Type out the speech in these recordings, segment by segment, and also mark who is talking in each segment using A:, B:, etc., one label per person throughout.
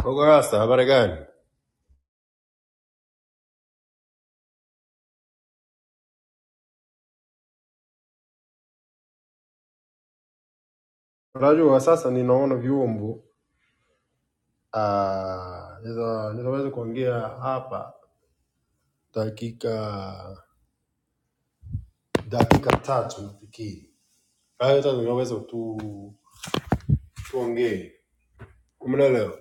A: Mdogo Rasta, habari gani? Unajua sasa ninaona vyombo ah, niza- nitaweza kuongea hapa dakika dakika tatu nafikiri. Kwa hiyo sasa ninaweza tu tuongee, umeelewa?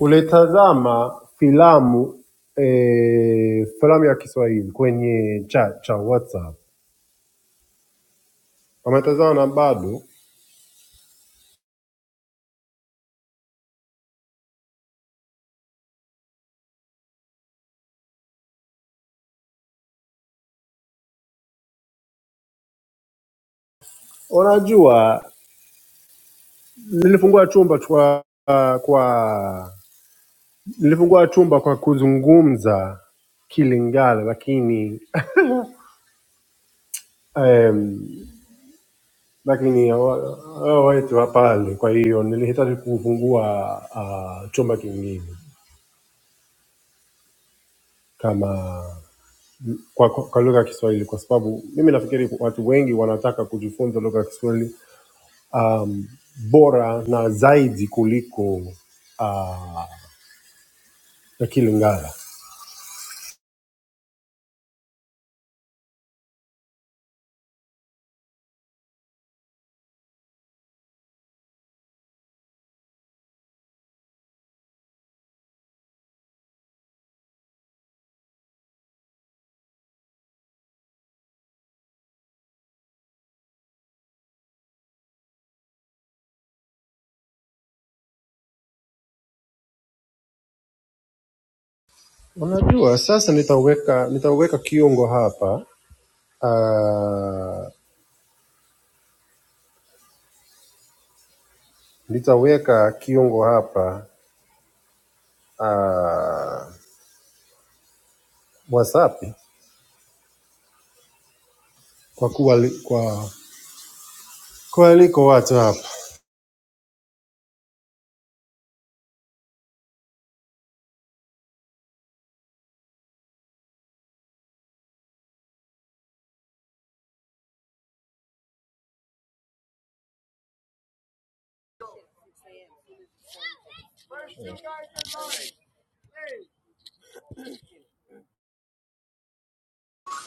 A: Ulitazama filamu eh, filamu ya Kiswahili kwenye cha cha WhatsApp, umetazama na bado? Unajua nilifungua chumba kwa kwa Nilifungua chumba kwa kuzungumza Kilingala, lakini em, lakini hawa- hawa wetu hapale. Kwa hiyo nilihitaji kufungua uh, chumba kingine kama kwa, kwa, kwa lugha ya Kiswahili kwa sababu mimi nafikiri watu wengi wanataka kujifunza lugha ya Kiswahili um, bora na zaidi kuliko uh, ya Kilingala. Unajua, sasa nitaweka nitaweka kiungo hapa uh, nitaweka kiungo hapa uh, WhatsApp kwa kuwa li, kwa kwa liko watu hapa.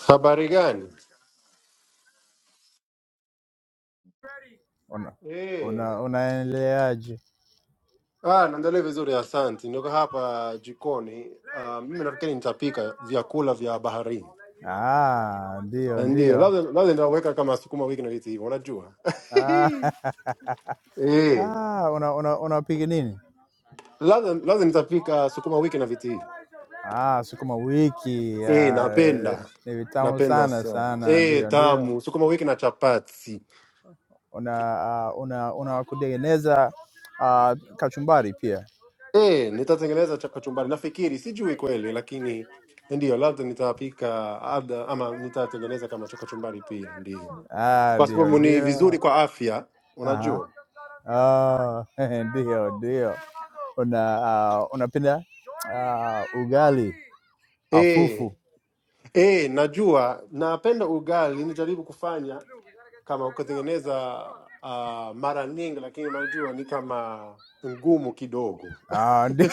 A: Habari gani?
B: Una,
A: Eh,
B: una, unaendeleaje?
A: ah, naendelea vizuri, asante. Niko hapa jikoni. Uh, mimi nafikiri nitapika vyakula vya baharini,
B: Ah, ndio
A: ndio
B: ndio.
A: labda labda nitaweka kama sukuma wiki na vitu hivyo, unajua
B: Ah,
A: eh,
B: ah, una, una, unapika nini?
A: labda labda nitapika sukuma wiki na vitu hivyo.
B: Ah, sukuma wiki.
A: Eh,
B: Ah,
A: napenda
B: ni vitamu
A: napenda
B: sana
A: sana
B: sana,
A: eh,
B: ndio ndio.
A: tamu sukuma wiki na chapati
B: Una ah, una una kutengeneza ah, kachumbari pia?
A: eh, nitatengeneza cha- kachumbari nafikiri, sijui kweli, lakini ndio labda nitapika labda ama nitatengeneza kama cha kachumbari pia, ndio
B: Ah,
A: kwa
B: ndio
A: sababu ni
B: ndio.
A: vizuri kwa afya,
B: Aha.
A: unajua
B: Ah, ndio ndio. Una ah, unapenda ah, ugali
A: eh,
B: afufu?
A: eh, najua napenda ugali, nijaribu kufanya kama kutengeneza uh, mara nyingi, lakini unajua ni kama ngumu kidogo
B: Ah, ndi-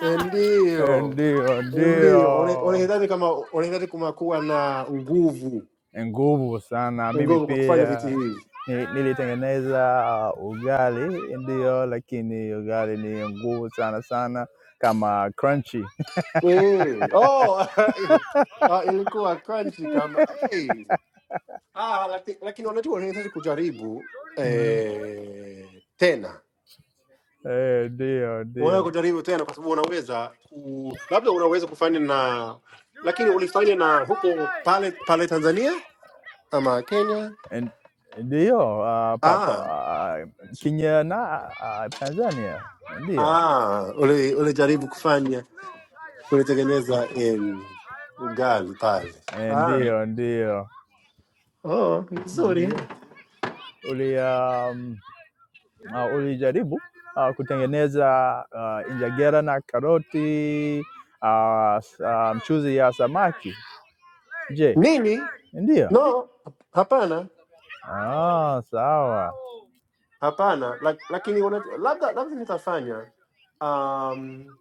A: Eh, Ndio,
B: ndio
A: Eh, ndio. Ole-
B: ndio,
A: Olehedhari kama olehedhari kumakuwa na nguvu
B: nguvu sana. Mimi
A: nguvu kwa kufanya vitu
B: pia
A: hivi
B: ni- nilitengeneza uh, ugali, ndio, lakini ugali ni nguvu sana sana, kama crunchy.
A: eh. Oh, ah, ilikuwa crunchy kama eh. Ah, laki- lakini wanajua wanahitaji kujaribu
B: Mm.
A: eh, tena
B: Eh, Ndio
A: unaweza
B: ndio.
A: kujaribu tena kwa sababu unaweza ku, labda unaweza kufanya na lakini ulifanya na huko pale pale Tanzania ama Kenya?
B: And ndiyo uh, pa, pa,
A: Ah,
B: uh, Kenya na uh, Tanzania ndiyo
A: ah, ule- ulijaribu kufanya kulitengeneza em, ugali pale.
B: Eh,
A: Ah,
B: ndiyo ndiyo
A: oh, vizuri.
B: ndiyo uli um, uh, ulijaribu uh, kutengeneza uh, injagera na karoti uh, s- uh, mchuzi ya samaki. Je,
A: Mimi
B: ndiyo?
A: no, hapana,
B: Ah, sawa.
A: hapana, lak- lakini unajua, labda labda nitafanya um,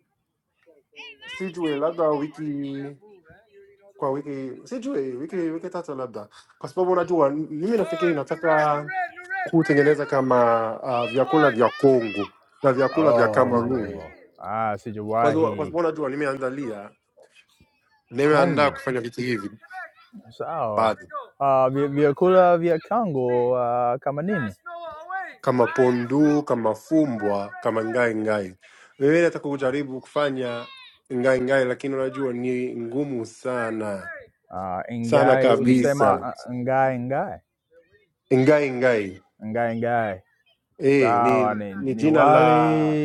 A: sijui labda wiki kwa wiki sijui wiki wiki tatu labda, kwa sababu unajua m- mimi nafikiri nataka kutengeneza kama uh, vyakula vya Kongo na vyakula vya
B: Oh,
A: Kamerun,
B: ah,
A: kwa sababu kwa
B: sijawahi
A: sababu unajua nimeandalia nimeandaa
B: Kongo.
A: kufanya vitu hivi
B: Sawa.
A: baadhi
B: Uh, vyakula vya Kongo uh, kama nini?
A: kama ponduu, kama fumbwa, kama ngaingai. Mimi nataka kujaribu kufanya ngaingai, lakini unajua ni ngumu sana
B: Uh,
A: sana
B: ngai ulisema
A: kabisa.
B: uh, ngai ngai
A: Ngaingai
B: ngai ngai.
A: eh,
B: Sawa,
A: ni
B: ni,
A: ni
B: ni
A: jina
B: wali
A: la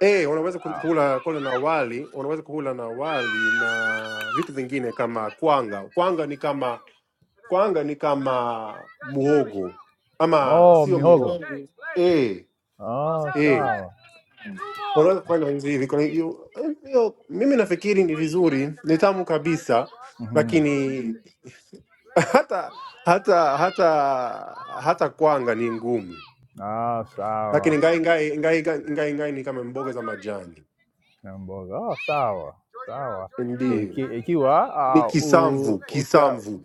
A: eh, unaweza ku-
B: uh,
A: kula kula na wali, unaweza kula na wali na vitu vingine kama kwanga. Kwanga ni kama kwanga ni kama muhogo ama
B: oh,
A: sio
B: mihogo.
A: mihogo Mm. eh,
B: Oh,
A: eh.
B: sawa.
A: Unaweza kufanya hivi kwa hiyo, hiyo mimi nafikiri ni vizuri, ni tamu kabisa,
B: Mhm.
A: lakini hata hata hata hata kwanga ni ngumu,
B: Ah, sawa.
A: lakini ngai ngai ngai ngai ngai ngai ni kama mboga za majani,
B: Na mboga. Oh, sawa. Sawa. Iki,
A: ndio
B: ikiwa
A: ni
B: uh, u,
A: kisamvu
B: uta,
A: kisamvu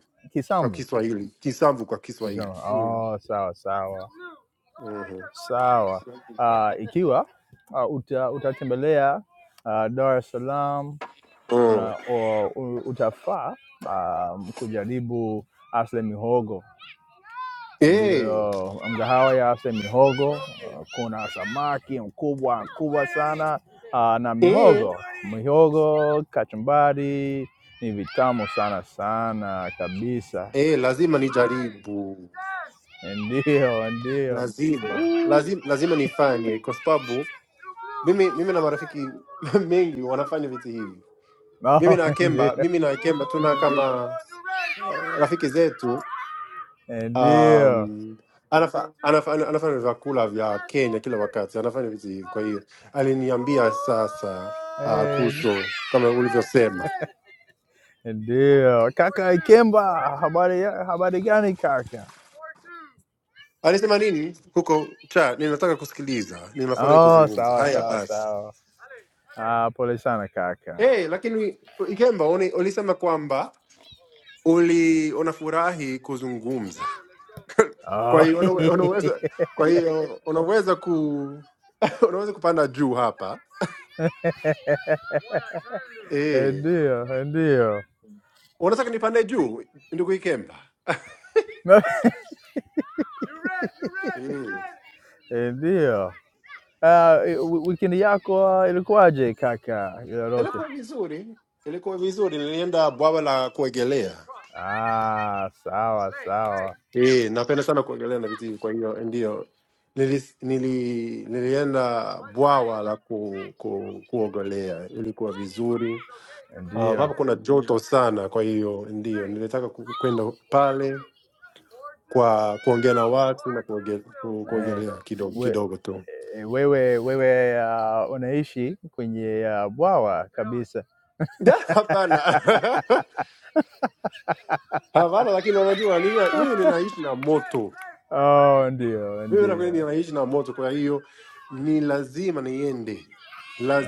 A: kwa
B: kisambu
A: Kiswahili, kisamvu kwa
B: Ukisema
A: Kiswahili mm.
B: oh, sawa sawa
A: uh-huh.
B: sawa. Ah, ikiwa ah, uta, utatembelea ah, Dar es Salaam
A: mm.
B: una, o- u- utafaa ah, kujaribu Asle Mihogo,
A: eh,
B: ndiyo mgahawa ya Asle Mihogo. Ah, Kuna samaki mkubwa mkubwa sana ah, na mihogo
A: eh,
B: mihogo, kachumbari ni vitamu sana sana kabisa.
A: eh, lazima nijaribu,
B: Ndio, ndio.
A: lazima
B: Mm.
A: lazima lazima nifanye kwa sababu mimi mimi na marafiki mengi wanafanya vitu hivi. Mimi
B: Oh,
A: na
B: ndio,
A: Kemba, mimi na Kemba tuna kama uh, rafiki zetu
B: ndio,
A: um, anafa, anafa, ana- anafanya vyakula vya Kenya kila wakati, anafanya vitu hivi. Kwa hiyo aliniambia sasa uh,
B: Eh,
A: kuhusu kama ulivyosema,
B: ndio. Kaka Ikemba, habari ya- habari gani kaka?
A: alisema nini huko cha, ninataka kusikiliza, ninafurahi
B: Oh,
A: kuzungumza.
B: sawa
A: Haya
B: sawa
A: basi.
B: sawa. Ah, pole sana kaka.
A: Hey, lakini Ikemba uni- ulisema kwamba uli unafurahi kuzungumza Kwa
B: Oh,
A: hiyo unawe- unaweza kwa hiyo unaweza ku unaweza kupanda juu hapa eh.
B: ndio, ndio,
A: Unataka nipande juu ndugu Ikemba? Mm.
B: ndio. Ah, wi- wikendi yako ah, ilikuwaje kaka? Ilolote?
A: Ilikuwa vizuri, ilikuwa vizuri. Nilienda bwawa la kuogelea
B: Ah, sawa sawa,
A: eh, napenda sana kuogelea na vitu hivi, kwa hiyo ndio nili, nili, nilienda bwawa la ku, ku, kuogelea. Ilikuwa vizuri Ah,
B: ndio.
A: hapa kuna joto sana, kwa hiyo ndio nilitaka ku- kwenda pale kwa kuongea na watu na kuoge- ku-
B: Eh,
A: kuogelea kidogo
B: we,
A: kidogo tu.
B: eh, wewe wewe uh, unaishi kwenye uh, bwawa kabisa.
A: Da, Hapana, hapana, lakini unajua nini, mimi ninaishi na moto,
B: Oh, ndio
A: mimi na kweli
B: ndio.
A: ninaishi na moto, kwa hiyo ni lazima niende,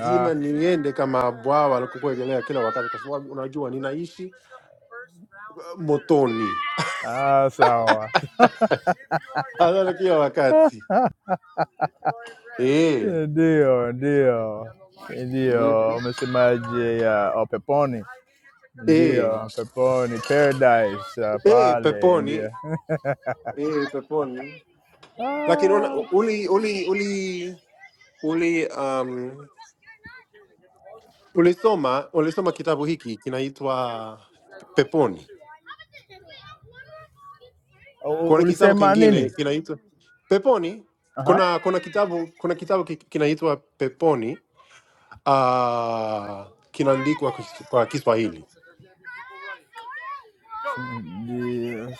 B: Ah,
A: niende kama bwawa la kuogelea kila wakati, kwa sababu unajua ninaishi uh, motoni.
B: ah, sawa.
A: analala kila wakati eh,
B: Ndio ndio ndio.
A: Mhm.
B: Umesemaje ya oh, peponi?
A: eh,
B: Ndio peponi, paradise uh,
A: eh,
B: pale ndio.
A: peponi eh, peponi. Lakini una-
B: ah.
A: uli uli uli uli um, ulisoma ulisoma kitabu hiki kinaitwa Peponi.
B: U-
A: Kuna kitabu
B: Ulisema nini?
A: kingine kinaitwa Peponi.
B: Aha.
A: Kuna kuna kitabu kuna kitabu ki- kinaitwa Peponi uh, kinaandikwa kwa Kis- kwa Kiswahili
B: Yes.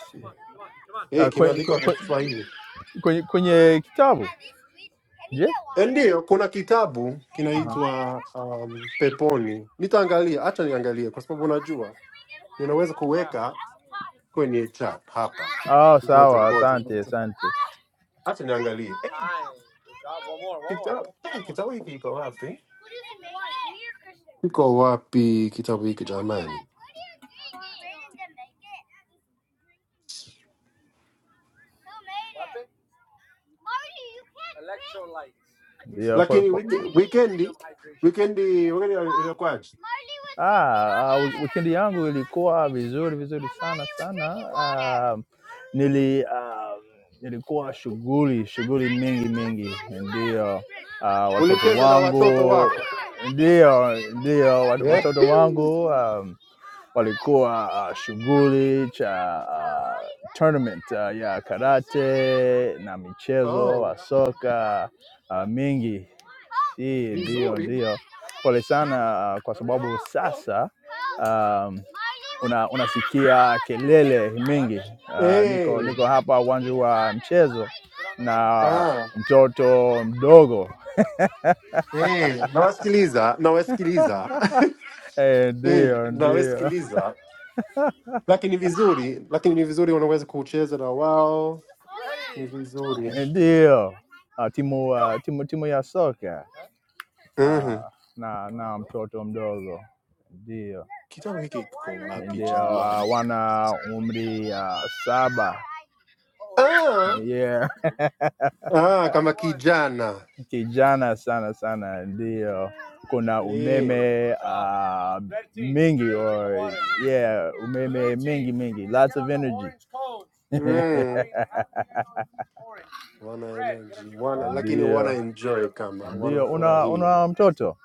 A: eh,
B: Ah, kwe-
A: kimeandikwa
B: kwe-
A: kwa
B: kwe-
A: Kiswahili
B: Kwenye kwenye kitabu. Je?
A: Ndiyo, kuna kitabu
B: Aha.
A: kinaitwa um, Peponi. Nitaangalia, acha niangalie, kwa sababu unajua ninaweza kuweka kwenye chat hapa.
B: Ah,
A: Ngoja
B: sawa,
A: ngoja,
B: asante,
A: ngoja.
B: asante.
A: acha niangalie. Eh, kita- eh, kitabu hiki kiko wapi? Kiko wapi kitabu hiki jamani?
B: Ndio
A: Lakini wike- wikendi wikendi wikendi iliyokwaje?
B: Ah, ah, wikendi yangu ilikuwa vizuri vizuri sana sana. Ah, nili ah, nilikuwa shughuli shughuli mingi mingi, ndio ah, watoto
A: Ulicheza na watoto
B: wangu
A: wako
B: ndio ndio wat-
A: Eh,
B: watoto wangu um, walikuwa ah, shughuli cha ah, tournament ah, ya karate na michezo
A: oh,
B: wa soka ah, mingi. Hii ndio
A: vizuri
B: ndio Pole sana ah, kwa sababu sasa um, una, unasikia kelele mingi. Uh, niko
A: eh,
B: niko hapa uwanja wa mchezo na
A: ah,
B: mtoto mdogo
A: eh, nawasikiliza nawasikiliza
B: Eh,
A: Eh,
B: ndio
A: na we
B: ndio
A: sikiliza, lakini ni vizuri, lakini ni vizuri unaweza kucheza na wao, ni vizuri
B: ndio uh, timu, uh, timu timu ya soka
A: Mhm.
B: uh, na na mtoto mdogo ndio
A: Kitabu hiki kiko wapi
B: ndio
A: jamani?
B: uh, wana umri uh, saba
A: ah,
B: yeah.
A: ah, kama kijana
B: kijana sana sana, ndio kuna
A: Eh,
B: umeme uh, mingi or yeah, umeme mingi mingi, lots of energy.
A: mm. wana energy. Wana lakini wana
B: Ndio,
A: enjoy kama
B: ndio. Una
A: wanafurahia.
B: una mtoto?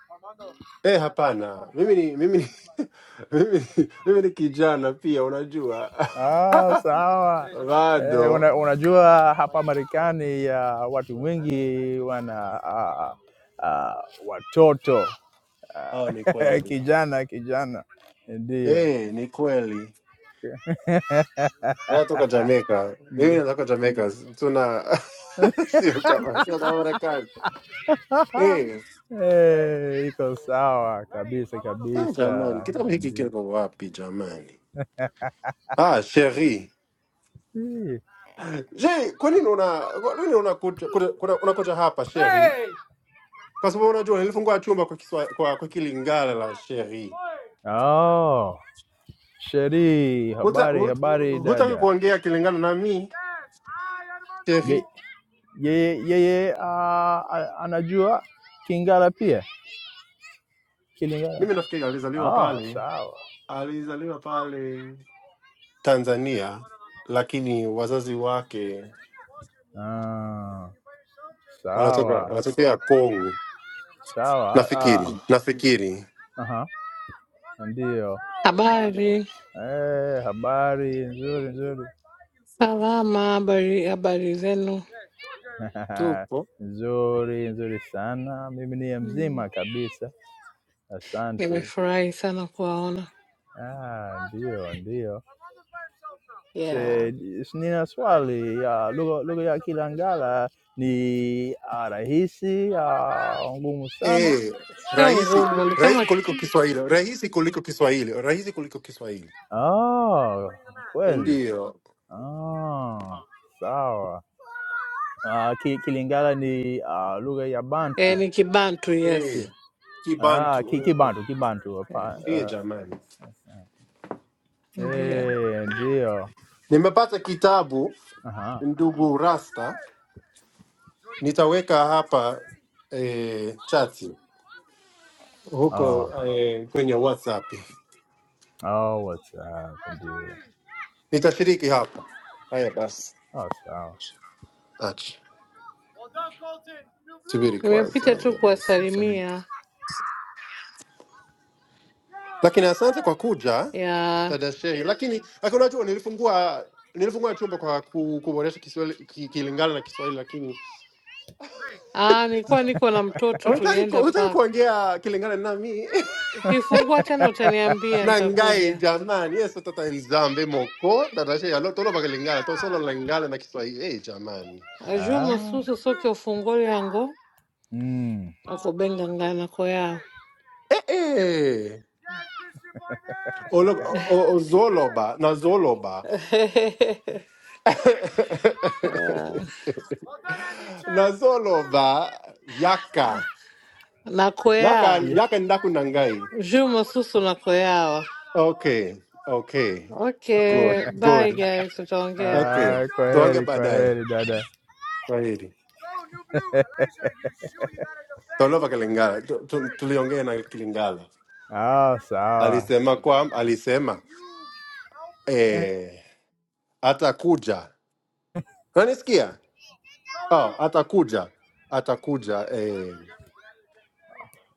A: Eh, hapana, mimi ni mimi ni mimi, ni- mimi ni kijana pia, unajua
B: Ah, sawa. Eh,
A: bado
B: una, unajua hapa Marekani uh, watu wengi wana uh, uh, watoto
A: Ah, ni
B: uh,
A: kweli.
B: kijana kijana, ndio
A: Eh, ni kweli. Natoka Jamaica. Mimi
B: Ni-
A: natoka Jamaica. Tuna sio kama sio kama Marekani.
B: ah,
A: Eh,
B: eh, iko sawa kabisa
A: eh,
B: kabisa,
A: jamani, kitabu hiki
B: ndio.
A: kiko wapi jamani? Ah, Sheri.
B: Hii.
A: Je, kwa nini una kwa nini unakuja kuna- kuna- unakuja hapa Sheri? Kwa sababu unajua nilifungua chumba kwa kiswa, kwa, kwa Kilingala la Sheri.
B: Oh, Sheri,
A: Huta
B: habari habari
A: hut- hutaki
B: dada.
A: kuongea Kilingala na mimi
B: Ye-
A: Sheri.
B: Yeye yeye ah, a- anajua Kingala pia Kilingala.
A: Mimi nafikiri alizaliwa
B: Oh,
A: pale,
B: sawa
A: alizaliwa pale Tanzania, lakini wazazi wake
B: ah,
A: anatoka
B: sawa
A: anatokea Kongo
B: sawa ah,
A: nafikiri, nafikiri
B: aha, ndio
C: Habari
B: eh, habari nzuri nzuri.
C: salama, habari habari zenu.
A: Tupo
B: Nzuri, nzuri sana. Mimi ni
C: Mm,
B: mzima kabisa, asante.
C: Nimefurahi sana kuwaona.
B: Ah, ndio, ndio.
C: Yeah,
B: Se, nina swali ya lugha lugha ya Kilangala ni ah, rahisi ah, ngumu sana?
A: eh,
C: sio
A: rahisi
C: ngumu, ni
A: rahisi
C: kama
A: kuliko Kiswahili, rahisi kuliko Kiswahili, rahisi kuliko Kiswahili,
B: Ah, kweli.
A: ndiyo
B: Ah, sawa. Ah, ki, Kilingala ni ah, lugha ya Bantu.
C: eh, ni Kibantu.
B: Ki-
A: eh,
C: Yes,
B: Ah, ki,
A: Kibantu eh,
B: Kibantu, Kibantu.
C: yeah.
B: hapa,
A: eh,
B: ah,
A: jamani,
B: asante.
C: Ndio
B: Eh, ndio.
A: nimepata kitabu
B: Uh huh.
A: ndugu Rasta, nitaweka hapa eh, chati
B: Oh,
A: huko eh, kwenye WhatsApp
B: oh, what's up? Dude?
A: nitashiriki hapa. Haya basi,
B: Oh, so.
A: acha subiri kwanza.
C: nimepita
A: Haya
C: tu
A: basi,
C: kuwasalimia.
A: lakini asante kwa kuja
C: Yeah.
A: dada Shei, lakini lakini unajua nilifungua nilifungua chumba kwa ku- kuboresha Kiswahili ki- kilingana na Kiswahili, lakini
C: Ah, nilikuwa niko na mtoto,
A: unataka ku-
C: tulienda
A: unataka
C: park.
A: kuongea kilingana nami
C: Ukifungua tena utaniambia,
A: na ngai
C: nitakuja.
A: jamani, yeso tata nzambe moko dada Shei alo tolo bakilingana to solo lingana na Kiswahili eh jamani
C: Ajumu
B: Uh,
C: susu soke ufungoli yango
B: mm,
C: akubenga ngana koyao
A: eh eh Olo- o- o- ozoloba na zoloba na zoloba
C: Ah,
A: yaka Yaka
C: nakoya
B: yeah.
A: yaka ndakunangai.
C: Juma Susu na Koyawa.
A: Okay, okay,
C: Okay,
A: good,
C: bye
A: good.
C: guys, tutaongea.
A: Okay,
B: Ah, go
A: tuange
B: ahead, go
A: baadaye
B: ahead, Dada.
A: Swahili. Tolova Kilingala, Tu- tu- tuliongea na Kilingala
B: Oh, sour.
A: alisema kwa alisema eh, atakuja. Unanisikia? Oh, atakuja atakuja eh,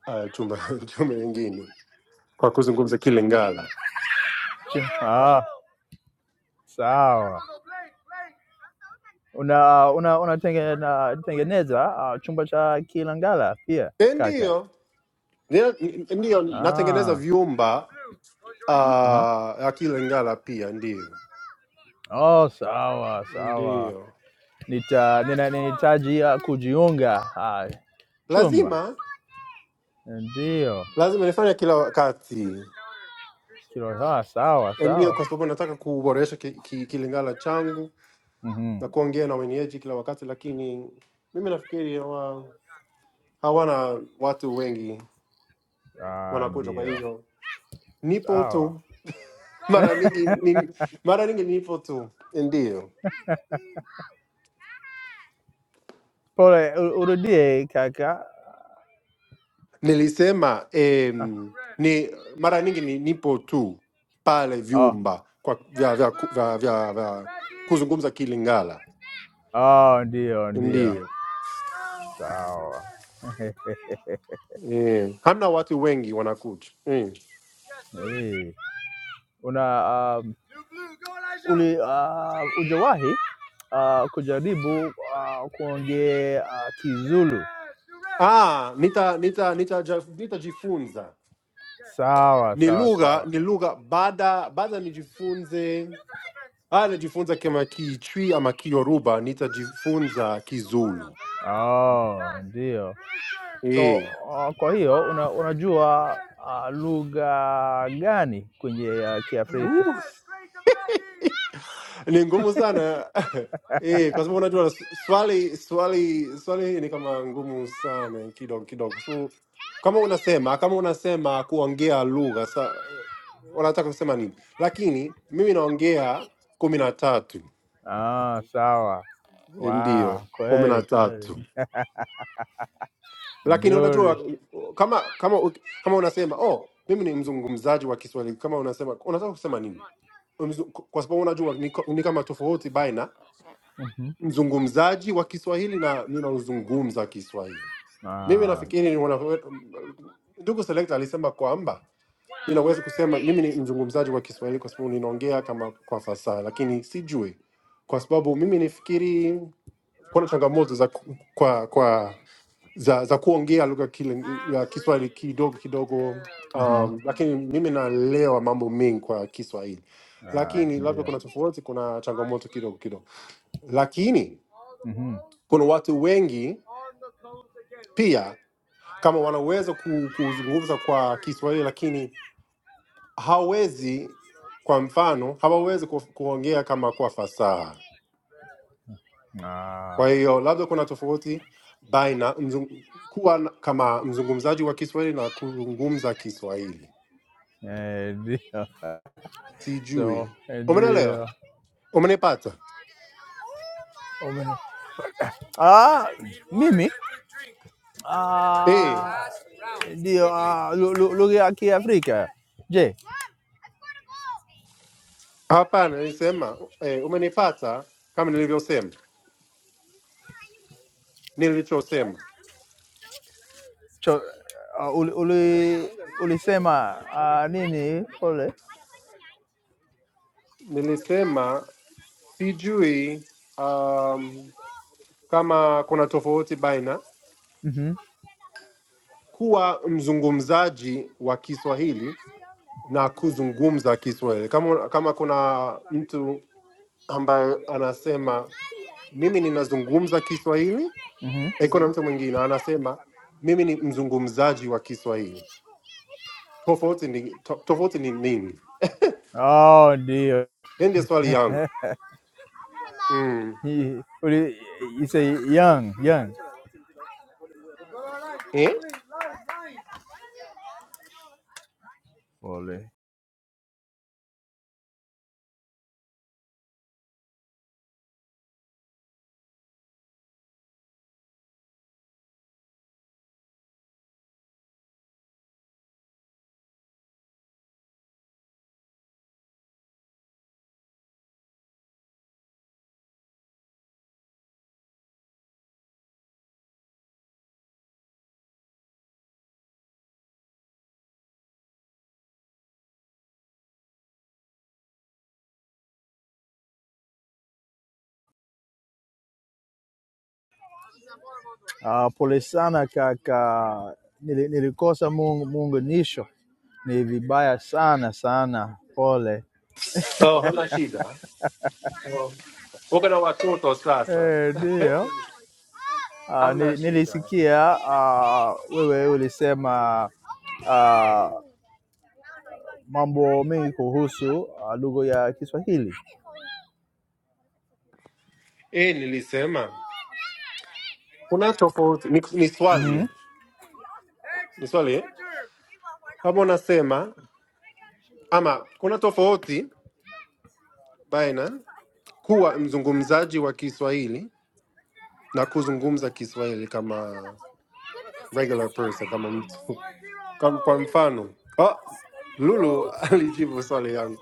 A: uh, chuma chuma nyingine kwa kuzungumza Kilingala.
B: Oh, sawa. Una una unatengeneza una uh, chumba cha kilangala pia
A: Eh,
B: kaka.
A: ndiyo Ndio, n- ndiyo natengeneza
B: Ah,
A: vyumba
B: aha.
A: uh, ya Kilingala pia ndio.
B: Oh, sawa sawa,
A: Ndio,
B: nita nina- ninahitaji uh, kujiunga ah, chumba
A: lazima
B: ndio
A: lazima nifanye kila wakati,
B: kilo sawa sawa
A: ndio,
B: sawa
A: kwa sababu nataka kuboresha ki, ki, kilingala changu
B: mm
A: na kuongea na wenyeji kila wakati, lakini mimi nafikiri hawa, hawana watu wengi
B: ah,
A: wanakuja, kwa
B: ndio
A: hiyo nipo
B: sawa.
A: tu mara nyingi ni, mara nyingi nipo tu ndio
B: Pole, u- urudie kaka.
A: nilisema
B: Ah,
A: em, ni mara nyingi ni, nipo tu pale
B: Oh,
A: vyumba kwa vya, vya, ku- vya, vya, vya kuzungumza Kilingala
B: oh, ndio ndio
A: Ndiyo
B: sawa.
A: eh, hamna watu wengi wanakuja eh.
B: una um, uli, uh, ujawahi uh, kujaribu uh, kuongea uh, Kizulu?
A: Ah, nita nita nita ja, nitajifunza
B: Sawa
A: ni
B: sawa
A: lugha
B: sawa.
A: ni lugha baada baada nijifunze ah, najifunza kama Kichwi ama Kiyoruba, nitajifunza Kizulu
B: Oh, ndio. So
A: eh.
B: uh, kwa hiyo una, unajua uh, lugha gani kwenye uh, Kiafrika?
A: Uh. ni ngumu sana eh, kwa sababu unajua s- swali swali swali hii ni kama ngumu sana kidogo kidogo, kwa sababu kama unasema kama unasema kuongea lugha sa wanataka kusema nini? Lakini mimi naongea kumi na tatu
B: Ah, sawa. Wow,
A: ndio kumi na
B: kweli
A: tatu
B: kweli,
A: lakini
B: nzuri.
A: unajua kama kama uki- kama unasema oh, mimi ni mzungumzaji wa Kiswahili, kama unasema unataka kusema nini? Mzu- Kwa sababu unajua ni, ko- ni kama tofauti baina
B: Mhm.
A: mzungumzaji wa Kiswahili na ninazungumza Kiswahili. Mimi nafikiri
B: Ah.
A: ni wana- ndugu Selekta alisema kwamba ninaweza kusema mimi ni mzungumzaji wa Kiswahili kwa sababu ninaongea kama kwa fasaha, lakini sijui, kwa sababu mimi nifikiri kuna changamoto za ku- kwa kwa za, za kuongea lugha kile ya Kiswahili kidogo kidogo
B: Mm-hmm.
A: um, lakini mimi naelewa mambo mengi kwa Kiswahili,
B: Ah,
A: lakini labda
B: dear.
A: kuna tofauti, kuna changamoto kidogo kidogo, lakini
B: Mm-hmm.
A: kuna watu wengi pia kama wanaweza ku- kuzungumza kwa Kiswahili lakini hawezi, kwa mfano, hawawezi ku, kuongea kama kwa fasaha.
B: Ah,
A: Kwa hiyo labda kuna tofauti baina mzung, kuwa na- kama mzungumzaji wa Kiswahili na kuzungumza Kiswahili.
B: Hey, dear. So,
A: Sijui,
B: eh, dear.
A: umenelewa? Umenipata?
B: Oh, man. Ah, mimi.
A: Eh,
B: Ah, ndio. Ah, lu- lu- lugha ya Kiafrika. Je,
A: hapana, nilisema eh, umenipata kama nilivyosema, nilichosema
B: cho, ah, uli, uli, ulisema ah, nini pole?
A: nilisema sijui um, kama kuna tofauti baina
B: hmm
A: kuwa mzungumzaji wa Kiswahili na kuzungumza Kiswahili. Kama, kama kuna mtu ambaye anasema mimi ninazungumza Kiswahili,
B: hmm
A: eh, kuna mtu mwingine anasema mimi ni mzungumzaji wa Kiswahili, tofauti ni, to, tofauti ni nini?
B: Oh dear.
A: Hiyo ndio swali yangu mm.
B: He, what do you you say young, young.
A: eh?
B: Pole. Ah, pole sana kaka. Nili- Nilikosa muunganisho. Ni vibaya sana sana. Pole.
A: Oh, hamna shida. Uko na watoto sasa,
B: Eh, ndio. Ah,
A: hamna
B: nili-
A: shida.
B: nilisikia ah, wewe ulisema ah, mambo mengi kuhusu ah, lugha ya Kiswahili.
A: Eh, nilisema kuna tofauti ni, ni
B: Mhm.
A: swali ni swali eh? kama unasema ama kuna tofauti baina kuwa mzungumzaji wa Kiswahili na kuzungumza Kiswahili kama regular person, kama mtu kama, kwa mfano oh, Lulu alijibu swali yangu,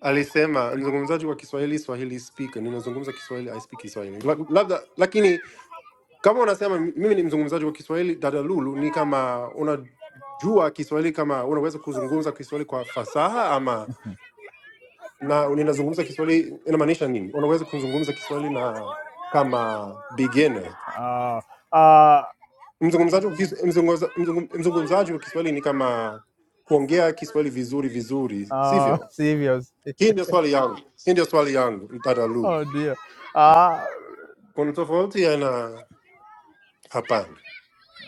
A: alisema mzungumzaji wa Kiswahili, Swahili speaker, ninazungumza Kiswahili, I speak Kiswahili La- labda. Lakini kama unasema mimi ni mzungumzaji wa Kiswahili, dada Lulu, ni kama unajua Kiswahili, kama unaweza kuzungumza Kiswahili kwa fasaha ama na ninazungumza Kiswahili inamaanisha nini? Unaweza kuzungumza Kiswahili na kama beginner.
B: Ah, ah,
A: Mzungumzaji wa Kis- mzungumza- mzungum- mzungumzaji wa Kiswahili ni kama kuongea Kiswahili vizuri vizuri,
B: ah,
A: sivyo?
B: sivyo?
A: Hii ndio swali yangu, hii ndio swali yangu mtadalulu.
B: Oh, ndio. Ah,
A: Kuna tofauti ya na hapana,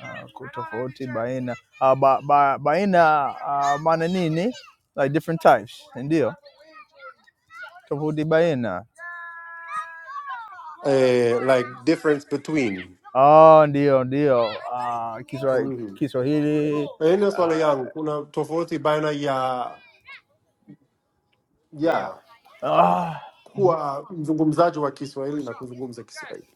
B: uh, tofauti baina uh, ba, ba, baina uh, maana nini like different types ndio tofauti baina
A: eh, like difference between
B: oh, ndio ndio uh, Kiswa-
A: Mhm.
B: Kiswahili
A: Hii ndio swali
B: uh,
A: yangu. Kuna tofauti baina ya
B: yeah.
A: ya
B: ah,
A: kuwa mzungumzaji wa Kiswahili na kuzungumza Kiswahili.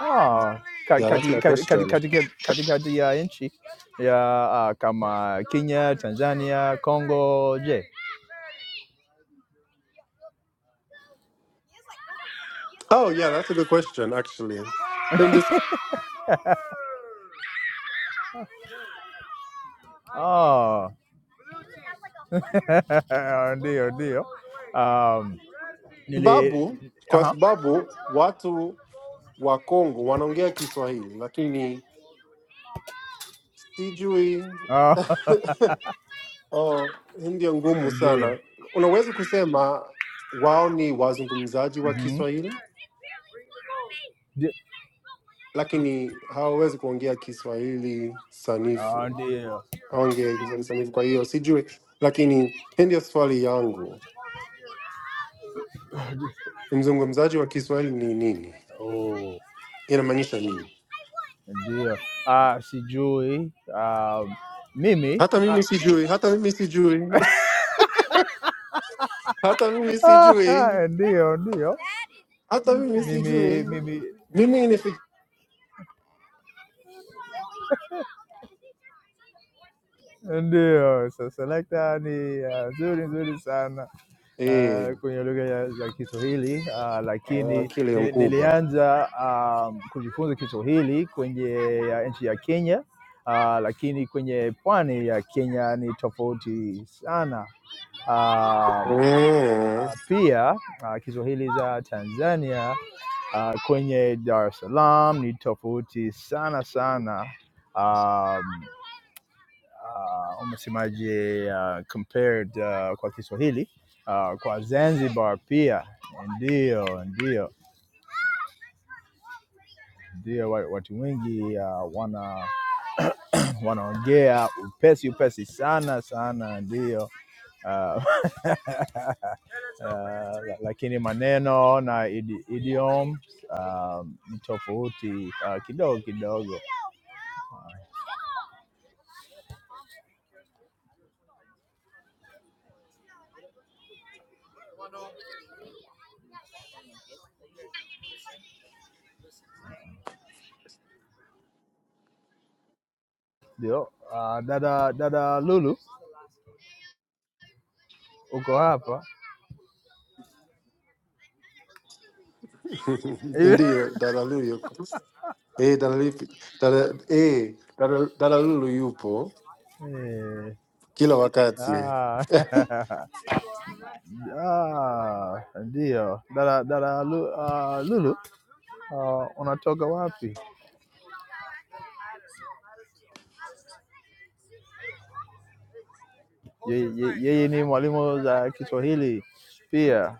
B: ah, ka-
A: Yeah, that's
B: kati-
A: my
B: kati- kati-
A: question.
B: kati- katikati ya nchi ya ah, kama Kenya, Tanzania, Congo, je
A: Oh yeah, that's a good question actually. Pende
B: ah, ndio ndio um, nili
A: sababu kwa
B: aha
A: sababu watu wa Kongo wanaongea Kiswahili lakini sijui
B: Oh,
A: oh, hii ndio ngumu
B: indeed
A: sana. Unaweza kusema wao ni wazungumzaji wa
B: hmm
A: Kiswahili
B: Yeah.
A: lakini hawawezi kuongea Kiswahili
B: Oh,
A: sanifu,
B: dear.
A: haongee Kiswahili sanifu. Kwa hiyo sijui, lakini hii ndio swali yangu, mzungumzaji wa Kiswahili ni nini?
B: Oh,
A: Inamaanisha nini?
B: dear. Uh, sijui. Uh, mimi.
A: Hata mimi sijui, hata mimi sijui, hata mimi
B: Ah,
A: sijui,
B: ndio, ndio.
A: hata mimi
B: Mimi
A: sijui.
B: mimi
A: Mimi ni
B: Ndiyo, so selekta ni ah, nzuri nzuri sana ah,
A: eh,
B: kwenye lugha ya- za Kiswahili ah, lakini
A: akili
B: nili-
A: mkubwa
B: nilianza ah, kujifunza Kiswahili kwenye ah, nchi ya Kenya ah, lakini kwenye pwani ya Kenya ni tofauti sana um,
A: mm.
B: pia uh, Kiswahili za Tanzania uh, kwenye Dar es Salaam ni tofauti sana sana um, uh, umesemaje uh, compared uh, kwa Kiswahili uh, kwa Zanzibar pia ndio ndio ndio wa- watu wengi uh, wana wanaongea upesi upesi sana sana ndio uh, uh, lakini maneno na idi, idiom um, ni tofauti uh, kidogo kidogo, ndio. Uh, dada dada Lulu uko hapa hivi?
A: Ndiyo, dada Lulu yuko eh, dada Lipi- dada eh, dada dada Lulu yupo kila
B: Eh,
A: wakati
B: ah. Ah, ndiyo. Dada, dada Lu- ah, Lulu, ah, unatoka wapi? Ye- ye- Yeye ni mwalimu za Kiswahili pia.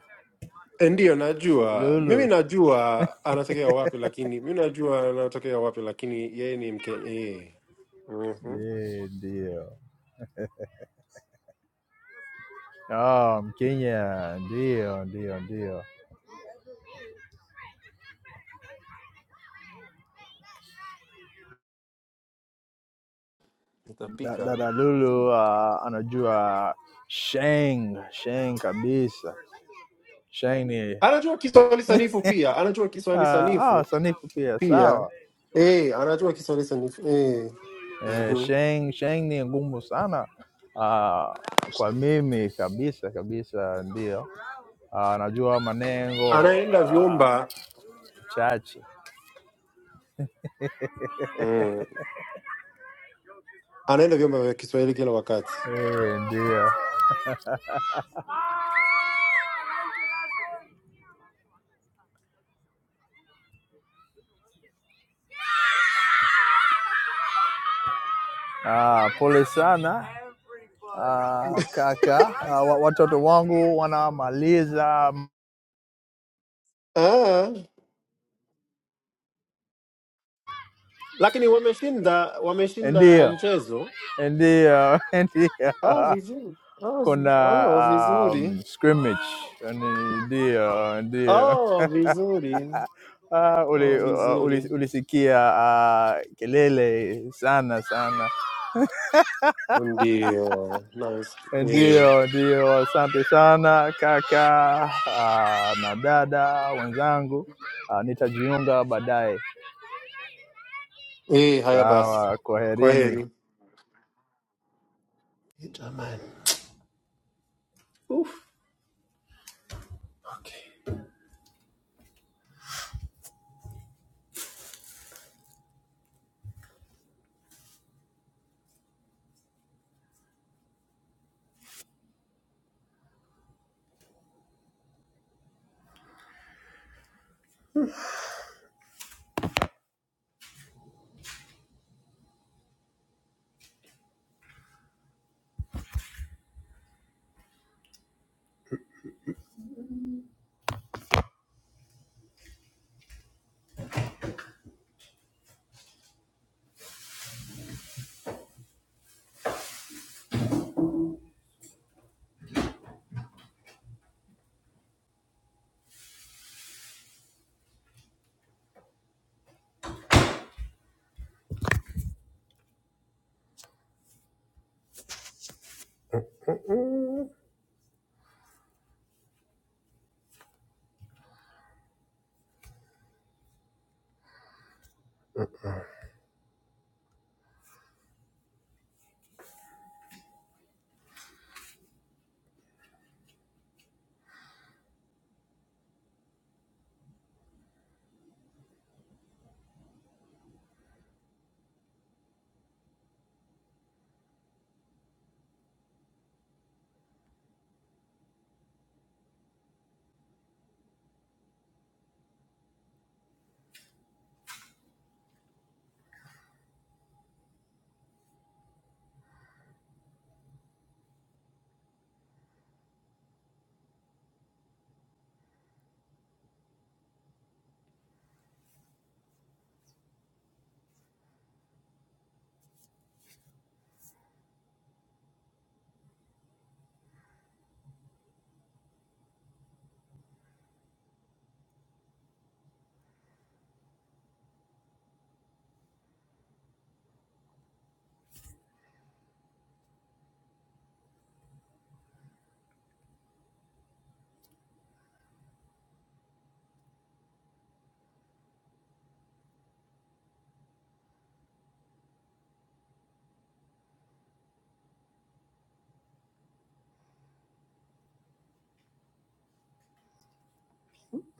A: eh, ndiyo najua, mimi
B: Lulu
A: najua anatokea wapi, lakini mimi najua anatokea wapi, lakini yeye ni mke eh. mm-hmm.
B: Ye- ndiyo. Ah, Mkenya ndiyo, ndiyo, ndiyo. Da-
A: Nitapika
B: Dada Lulu ah, anajua sheng sheng kabisa. Sheng ni
A: anajua Kiswahili sanifu pia, anajua Kiswahili
B: Ah, ah,
A: sanifu
B: sanifu pia
A: pia
B: sawa.
A: eh, anajua Kiswahili sanifu eh.
B: Eh,
A: mhm.
B: Sheng Sheng ni ngumu sana ah, kwa mimi kabisa kabisa, ndio ah, najua manengo
A: Anaenda
B: ah,
A: vyumba
B: chache
A: mm. anaenda vyumba vya Kiswahili kila wakati
B: eh, ndio ah, pole sana ah, kaka ah, wa, watoto wangu wanamaliza
A: ah, lakini wameshinda wameshinda
B: ndio
A: mchezo
B: ndio ndio
A: ah, vizuri ah,
B: kuna
A: viz- ah, vizuri
B: um, scrimmage Yaani, ndio ndio
A: ah, vizuri
B: Ah, uli,
A: ah,
B: uh, uli,
A: vizuri
B: ulisikia uh, kelele sana sana.
A: ndio na eh.
B: Ndio, ndio, asante sana kaka uh, na dada wenzangu uh, nitajiunga baadaye.
A: Eh, haya basi,
B: Sawa,
A: kwa
B: kwaherini.
A: heri. Jamani. Uf. Okay.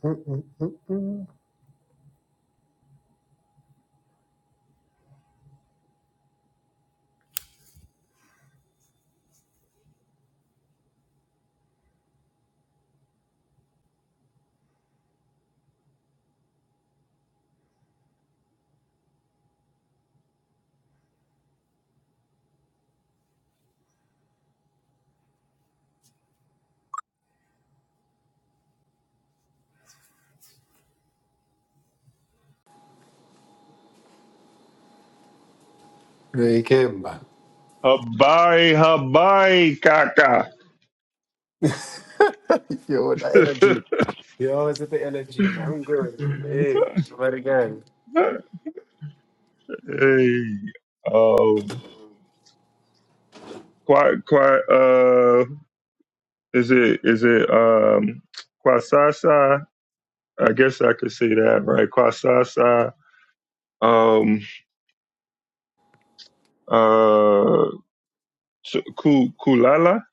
A: Mm-mm. They came back.
D: Habari, habari, kaka.
A: Yo, the energy. Yo, is it the energy? I'm good. Hey, but again.
D: hey, um, quite, quite, uh, is it, is it, um, Kwasasa? I guess I could say that, right? Kwasasa, um, uh, Su- Ku- Kulala,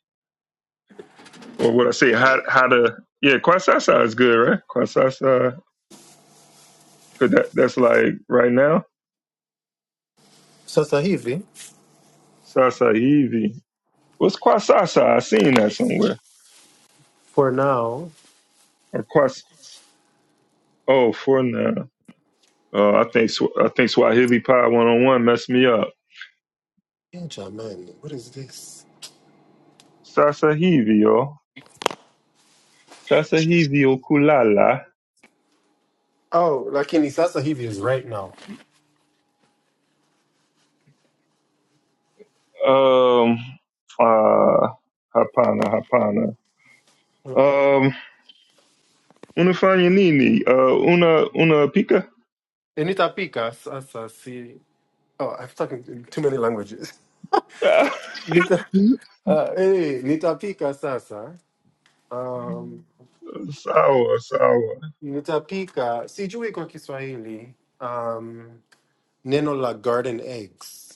D: or what I say, how, how to, yeah, Kwasasa is good, right? Kwasasa, cause that, that's like right now,
A: Sasa hivi?
D: Sasa Eevee. What's Kwasasa? I seen that somewhere.
A: For now.
D: Or Kwasasa. Oh, for now. Uh, I think Sw- I think Swahili Pod One on One messed me up.
A: Inja, man, what is this?
D: Sasa hivyo, sasa hivyo kulala.
A: Oh, lakini sasa hivi is right now.
D: Um, uh, hapana, hapana. Um, unafanya nini? Uh, una una pika?
A: Nitapika sasa si... Oh, I've talking too many languages. Nita, uh, hey, nitapika sasa. Um,
D: sawa, sawa,
A: nitapika, sijui kwa Kiswahili, um, neno la garden eggs.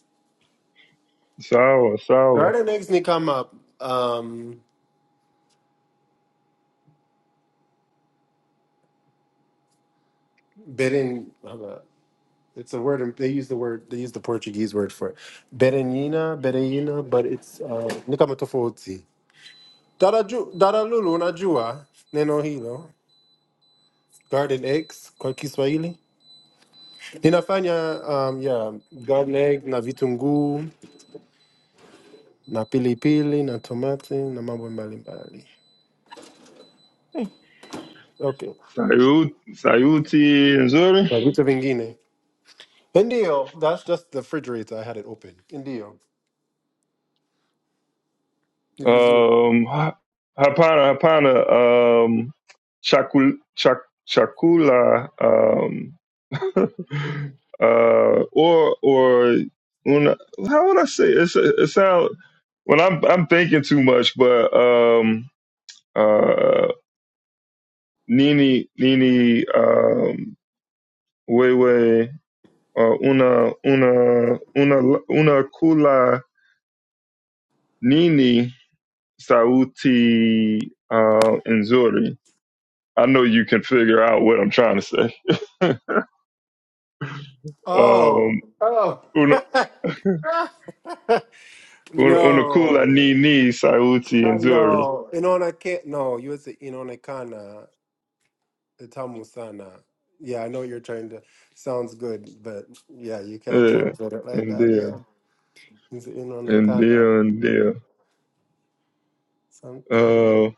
D: sawa, sawa.
A: Garden eggs need come up. Um, bidding, hold up. it's a word. They use the word. They use the Portuguese word for it. Berenina, berenina, but it's uh, nikama tofauti. Daraju, daralulu unajua neno hilo. Garden eggs kwa Kiswahili ninafanya um, yeah, garden egg na vitunguu na pilipili na tomati na mambo mbalimbali. Okay,
D: Sayut, sayuti nzuri.
A: na vitu vingine. Ndio, that's just the refrigerator. I had it open. Ndio, ni vizuri.
D: Um, Hapana, Hapana, um, Shakul, Shak, Shakula, um, uh, or or una, how would I say it? It's a- It sound when I'm I'm thinking too much, but um, uh, Nini, Nini, um, Wewe, uh, una, una, una, una kula, Nini, Sauti, uh, Nzuri. I know you can figure out what I'm trying to say.
A: Oh,
D: um,
A: oh.
D: una, una, una cool
A: no,
D: nini Sauti
A: I
D: and Zuri.
A: know. Inonake, no, you would say inonekana, itamu sana. Yeah, I know what you're trying to, sounds good, but yeah, you can't
D: Yeah,
A: translate it like
D: and
A: that. Yeah.
D: then
A: It's
D: and then
A: inonekana
D: and then.
A: something.
D: Uh,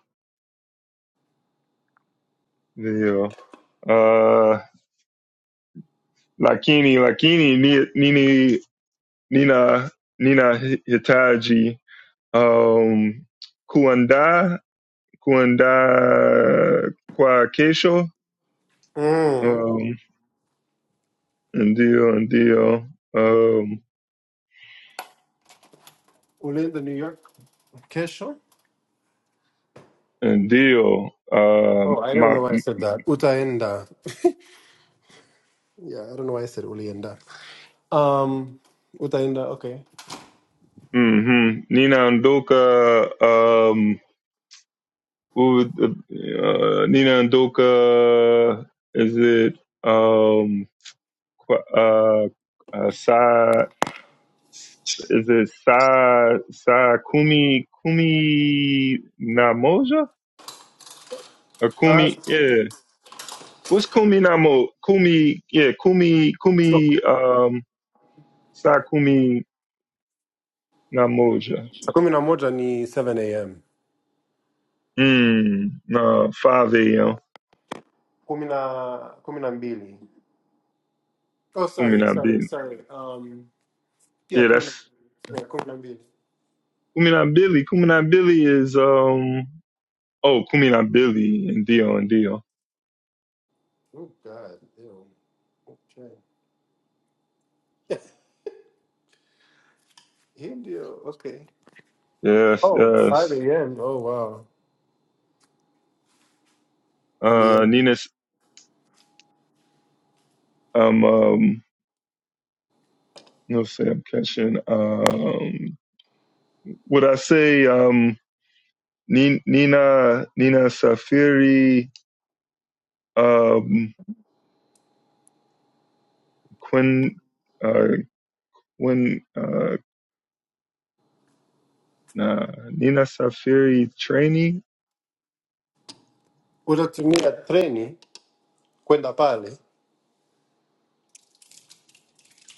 D: yeah. Uh, Lakini, Lakini, Ni- Nini, Nina, Nina Hitaji. Um, Kuanda, Kuanda Kwa Kesho.
A: Mm.
D: Um, and deal and deal. Um,
A: Ulienda New York. Kesho?
D: And deal. Uh,
A: Oh, I don't
D: my
A: know why I said that. Utaenda. Yeah, I don't know why I said ulienda. Um, utaenda, okay.
D: hmm Nina Andoka. Um, who would, uh, Nina Andoka? Is it um? Qu- Uh, uh, Sa, is it Sa Sa Kumi Kumi Namoja or
A: All
D: Kumi?
A: right.
D: Yeah, what's Kumi Namo? Kumi yeah, Kumi Kumi um Sa Kumi Namoja.
A: kumi na moja ni 7 am
D: Mm, no, 5 a.m.
A: kumi na kumi na mbili oh sorry
D: Kumina
A: sorry
D: Billy.
A: sorry um yeah
D: Yeah,
A: kumi na
D: that's
A: yeah, kumi na mbili
D: Kumina Billy. Kumina Billy is um oh Kumina Billy and Dio and Dio.
A: oh god ew. okay hii ndio okay
D: Yes,
A: oh it's
D: yes.
A: 5 am oh wow
D: Uh
A: Uli-
D: Nina's um um let's say I'm catching um would I say um Ni- Nina Nina Safiri um Quinn uh Quinn uh nah Nina Safiri Trainee
A: utatumia treni kwenda pale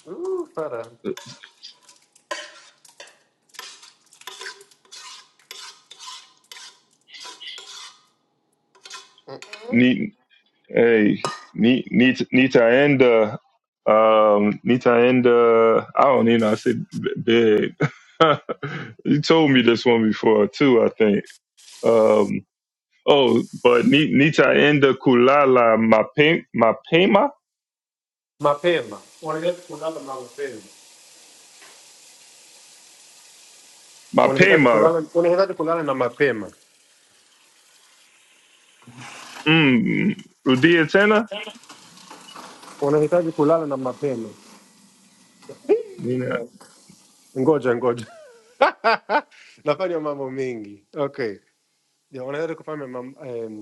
A: Ooh, Sara.
D: Hey, Ni- Nita, Nita and uh, um, Nita and uh, I don't even know. I said b- big. you told me this one before too, I think. Um, oh, but Ni- Nita and the Kulala Mape- Mapema
A: mapema unahitaji kulala na mapema unahitaji
D: Mapema.
A: kulala unahitaji kulala na mapema
D: Mm, Rudia Tena.
A: unahitaji kulala na mapema
D: Nina.
A: ngoja ngoja nafanya mambo mengi okay yeah, unaweza kufanya mam, um,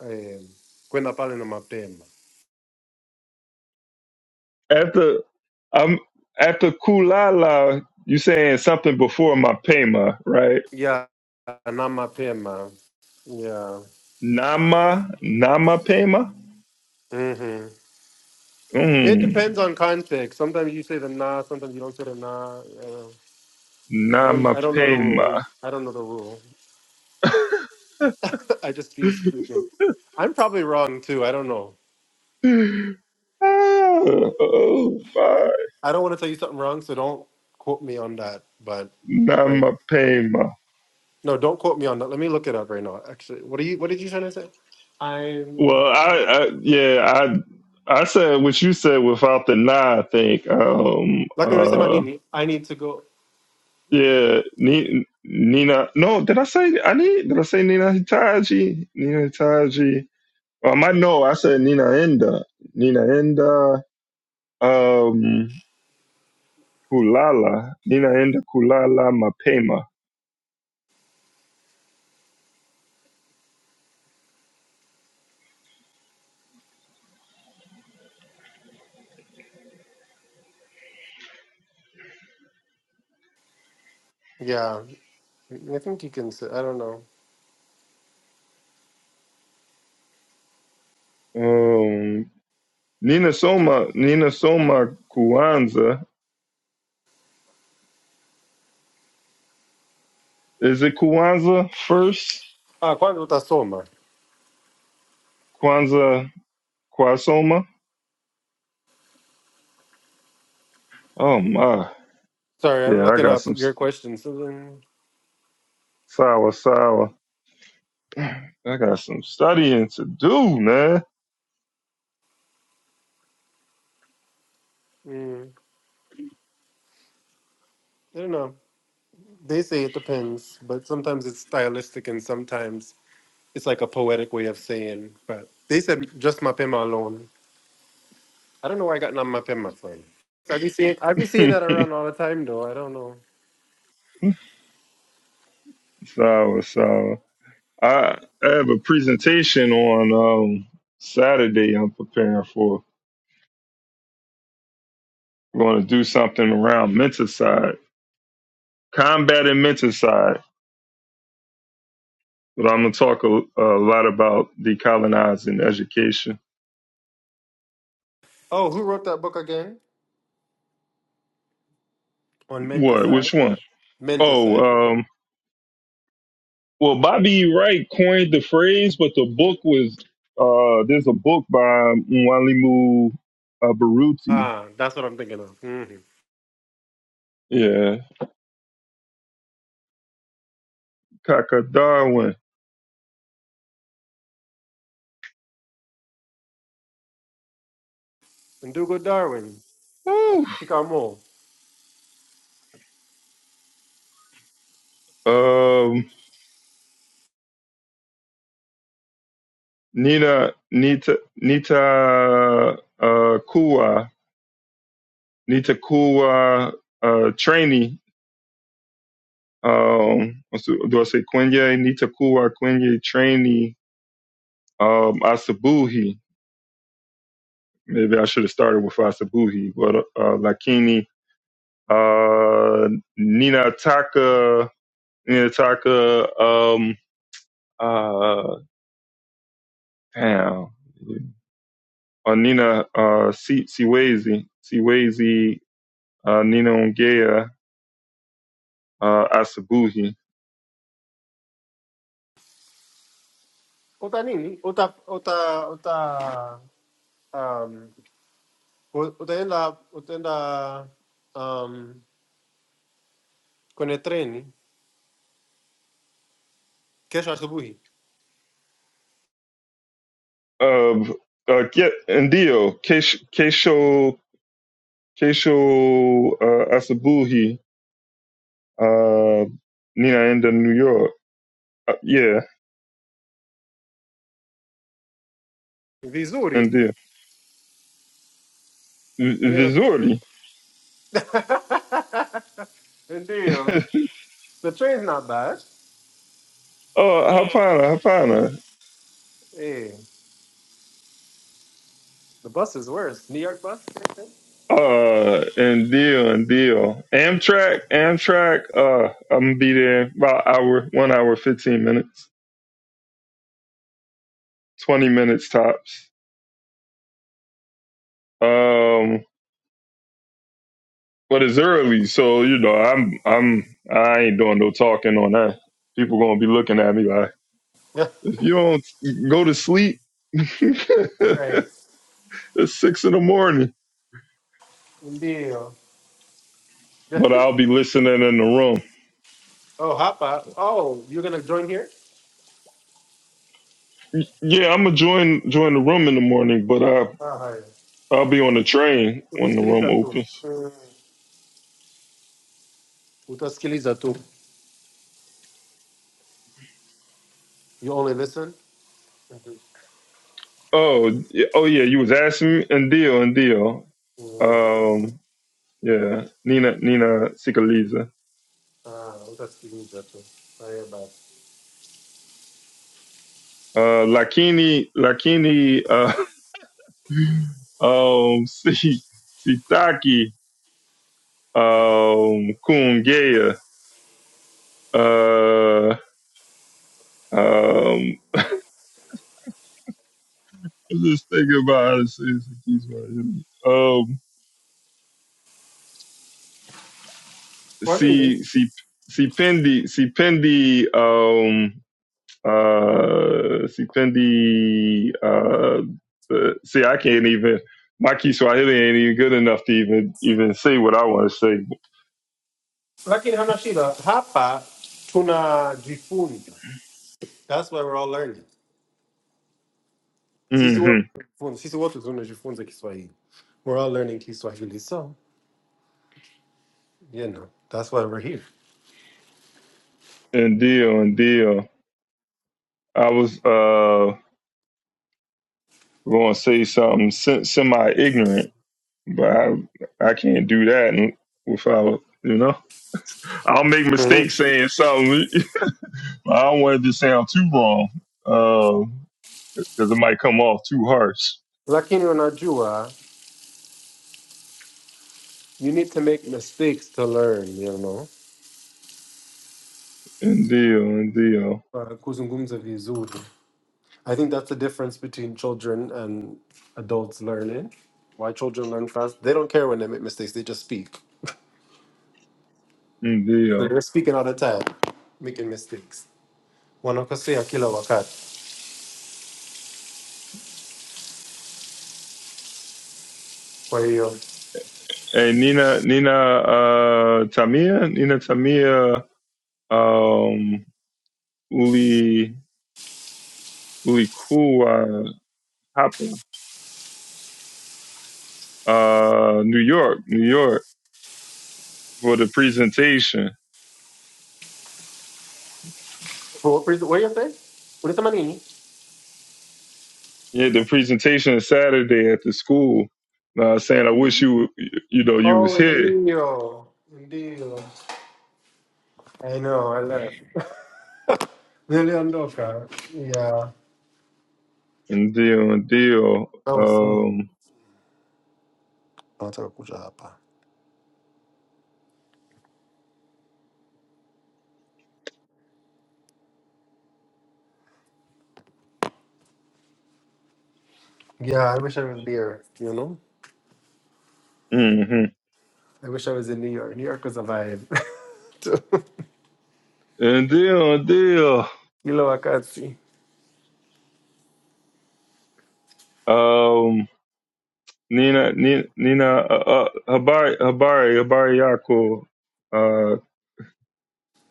A: um, kwenda pale na mapema
D: After I'm after Kulala, you saying something before Mapema, right?
A: yeah, na mapema yeah.
D: Nama Nama Pema.
A: mm-hmm. it
D: Mm.
A: depends on context sometimes you say the nah, sometimes you don't say the nah. uh, I don't. I don't know the rule.
D: Namapema.
A: I don't know the rule. I just be speaking. I'm probably wrong too. I don't know.
D: oh, oh my
A: I don't want to tell you something wrong, so don't quote me on that. But wait.
D: Namapema.
A: No, don't quote me on that. Let me look it up right now. Actually, what are you? What did you trying to say? I'm
D: Well, I, I yeah, I I said what you said without the na, I think. Um
A: like when you reason I
D: uh
A: need. I need to go.
D: yeah, Ni- Nina no, did I say I need did I say Nina Hitachi? Nina Hitachi. Um I know I said Nina Enda. Nina Enda um Kulala. Nina Enda Kulala Mapema.
A: Yeah, I think you can. Say, I don't know.
D: Um Nina Soma, Nina Soma Kwanzaa. Is it Kwanzaa first?
A: Ah, quando tá soma?
D: Kwanzaa Kwasoma? Oh my.
A: Sorry, I'm
D: Yeah, I
A: looking
D: got
A: up
D: some
A: your question. So then,
D: sour, sour. I got some studying to do, man.
A: mm, I don't know. They say it depends, but sometimes it's stylistic and sometimes it's like a poetic way of saying. But they said just mapema alone. I don't know why I got not mapema from. I be seeing I be seeing that around all the time though. I don't know.
D: sour, sour. I, I have a presentation on um, Saturday I'm preparing for. I'm going to do something around menticide, combating menticide. But I'm going to talk a, a lot about decolonizing education
A: Oh, who wrote that book again? On
D: What?
A: Mentasai.
D: Which one?
A: Meant to say.
D: Oh, um, well, Bobby Wright coined the phrase, but the book was uh, there's a book by Mwalimu uh, Baruti.
A: Ah, that's what I'm thinking of. Mm-hmm.
D: Yeah, Kaka Darwin.
A: Ndugu Darwin,
D: Woo.
A: shikamo.
D: Um, Nina Nita Nita uh, Kua Nita Kua uh, trainee. Um, what's the- do I say Quinye? Nita Kua Quinye trainee. Um, Asabuhi. Maybe I should have started with Fasabuhi, but uh, Lakini, uh, Nina Taka, Nina Taka, um, uh, damn, uh, Nina uh, Si- Siwezi, Siwezi, uh, Nina Ongea, uh, Asabuhi,
A: nini? uta, uta, uta, um, u- utaenda, utaenda, um, kwenye treni, kesho asubuhi.
D: uh, uh, Ke- Ndio, Kesh- Kesho, Kesho uh, Asabuhi, uh, Nina in New York. Uh, yeah,
A: Vizuri.
D: Ndio. V-
A: Niwe na...
D: Vizuri.
A: Ndio. The train's not bad.
D: Oh, Hapana, Hapana.
A: Hey, the bus is worse. New York bus?
D: Uh, and deal and deal. Amtrak, Amtrak. Uh, I'm gonna be there about hour, one hour, fifteen minutes, twenty minutes tops. Um, but it's early, so you know I'm I'm I ain't doing no talking on that. People gonna be looking at me like
A: Yeah.
D: if you don't go to sleep, it's
A: Right.
D: six in the morning.
A: Ndio.
D: But I'll be listening in the room.
A: oh, hapa. Oh, you're gonna join here?
D: Yeah, I'm gonna join join the room in the morning, but I.
A: Ah, hi.
D: I'll be on the train when the room
A: Utasikiliza tu,
D: opens.
A: Mm. utasikiliza tu, you only listen. Mhm.
D: Oh, y- oh yeah, you was asking me and deal and deal.
A: Mm.
D: Um, yeah, Nina Nina Sikaliza.
A: Ah, utasikiliza tu. Haya basi,
D: Uh, Lakini Lakini. Uh, um, Si Sitaki. Um, Kungea. Uh, um, I'm just thinking about how to say this. It keeps my head. Um,
A: kwa nini?
D: Si Si Sipendi Sipendi. Um. Uh, sipendi. Uh, the, see, I can't even. My Kiswahili ain't even good enough to even even say what I want to say.
A: Lakini hana shida, hapa tunajifunza, that's why we're all learning. Sisi
D: Mm-hmm.
A: wote tunajifunza, sisi wote tunajifunza Kiswahili, we're all learning Kiswahili, so you know that's why we're here.
D: And deal and deal. I was uh going to say something semi ignorant, but I I can't do that without you know. I'll make
A: Mhm.
D: mistakes saying something. I don't want it to sound too wrong because it might come off too harsh.
A: Lakini unajua, you need to make mistakes to learn, you know,
D: And deal, And deal,
A: uh, kuzungumza vizuri I think that's the difference between children and adults learning. Why children learn fast? They don't care when they make mistakes. They just speak. So
D: Deal.
A: they're speaking all the time, making mistakes. Wanakosea kila wakati. Kwa hiyo,
D: Hey Nina Nina uh, Tamia Nina Tamia um, uli ulikuwa hapa uh, New York New York for the presentation.
A: for what reason? What do you say? Ulisema nini?
D: Yeah, the presentation is Saturday at the school. Uh, saying I wish you you know you was
A: Oh,
D: here.
A: ndio, ndio. I know, I left. Niliondoka. Yeah,
D: And Ndio deal,
A: that was me.
D: Um,
A: Nataka kuja hapa. Yeah, I wish I was there, you know?
D: mm-hmm.
A: I wish I was in New York. New York was a vibe.
D: Ndio deal, and deal.
A: Kila wakati.
D: Um, Nina, Nina, Nina uh, uh, Habari, Habari, Habari Yako, uh,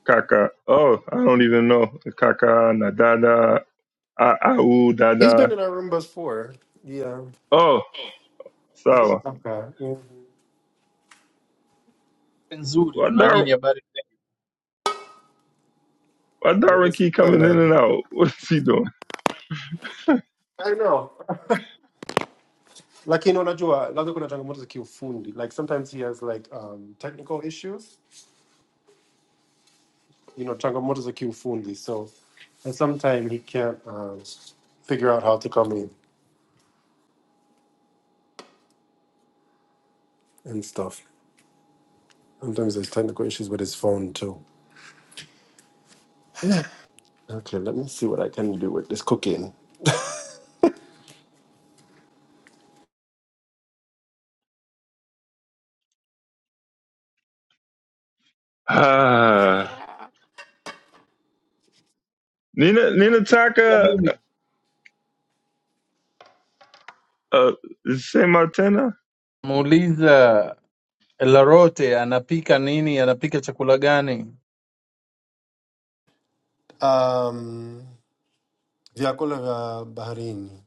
D: Kaka. Oh, I don't even know. Kaka, Nadada, A- Au,
A: He's been
D: Dada.
A: in our room before. Yeah.
D: Oh,
A: Okay.
D: Sawa.
A: Yeah.
E: nzuri
D: Why
E: tuna
D: Dar-
E: nini habari
D: why
A: Well,
D: Darwin
A: this
D: keep coming in
A: sana.
D: and out? What's he doing?
A: I know. Lakini unajua labda kuna changamoto za kiufundi. Like sometimes he has like um technical issues, you know, changamoto za kiufundi. So and sometimes he can't um figure out how to come in and stuff. Sometimes there's technical issues with his phone too. Okay, let me see what I can do with this cooking.
D: Ah, Nina, Nina
E: anapika
D: Taka,
E: nini
D: uh, Saint Martina.
E: muuliza larote anapika nini anapika chakula gani
A: Um vyakula vya baharini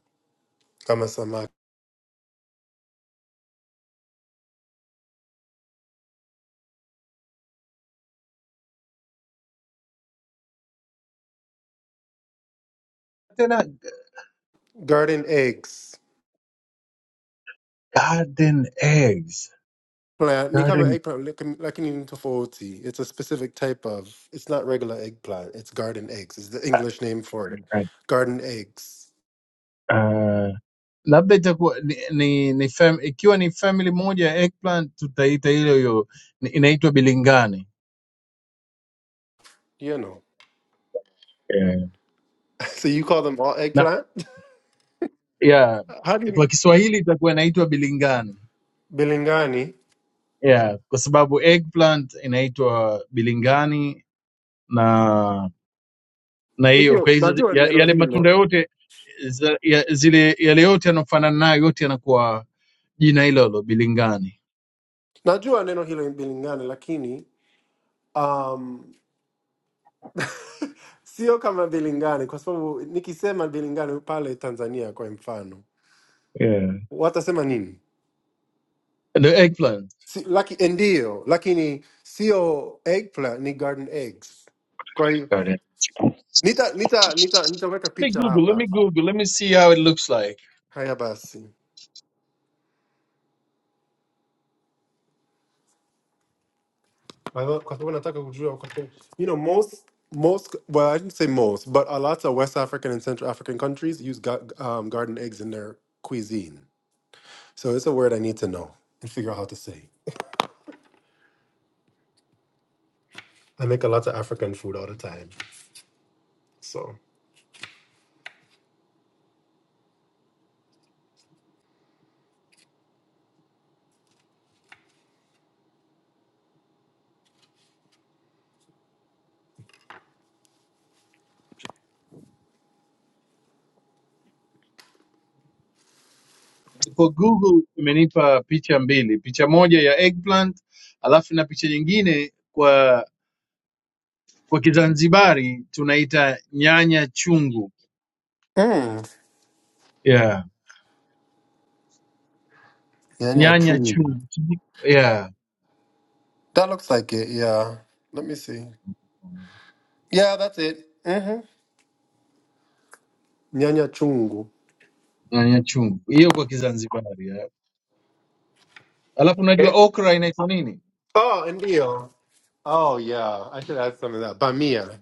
A: kama samaki.
E: tena
A: Garden eggs.
E: garden eggs
A: Plant Nikama
E: garden
A: eggplant Lec- Lecanina tofauti. It's a specific type of. It's not regular eggplant. It's garden eggs. It's the English name for it.
E: uh,
A: Garden eggs.
E: uh, labda itakuwa ni, ni, ni fam, ikiwa ni family moja ya eggplant tutaita ile hiyo ni- inaitwa bilingani
A: You know.
E: yeah.
A: So you call them all
E: na
A: eggplant?
E: yeah,
A: How do
E: kwa
A: you
E: kiswahili itakuwa inaitwa bilingani
A: Bilingani?
E: yeah, kwa sababu eggplant inaitwa bilingani na. na hiyo kwa
A: Ndio,
E: hizo
A: najua
E: ya-
A: neno
E: yale matunda
A: hilo.
E: yote za, ya, zile yale yote yanayofanana nayo yote yanakuwa jina hilo hilo bilingani
A: Najua neno hilo ni bilingani lakini um sio kama bilingani kwa sababu nikisema bilingani pale Tanzania kwa mfano
E: Yeah,
A: watasema nini?
E: the eggplant
A: si, laki, ndio lakini sio eggplant ni garden eggs kwa hiyo
E: got it.
A: nita nita nita nitaweka
E: let me
A: picha
E: google let
A: hapa
E: me google let me see how it looks like
A: haya basi kwa hiyo- kwa sababu nataka kujua kwa sababu- you know most most well i didn't say most but a lot of west african and central african countries use ga um, garden eggs in their cuisine so it's a word i need to know and figure out how to say i make a lot of african food all the time so
E: for google imenipa picha mbili picha moja ya eggplant alafu na picha nyingine kwa kwa kizanzibari tunaita nyanya chungu
A: mm.
E: yeah
A: yeah, yeah,
E: nyanya
A: true.
E: chungu yeah
A: that looks like it yeah let me see Yeah, that's it. Mm-hmm. Nyanya chungu.
E: nyanya chungu hiyo kwa kizanzibari yeah. alafu unajua
A: Eh?
E: okra inaitwa nini
A: Oh, ndio. Oh, yeah. I should add some of that. Bamia.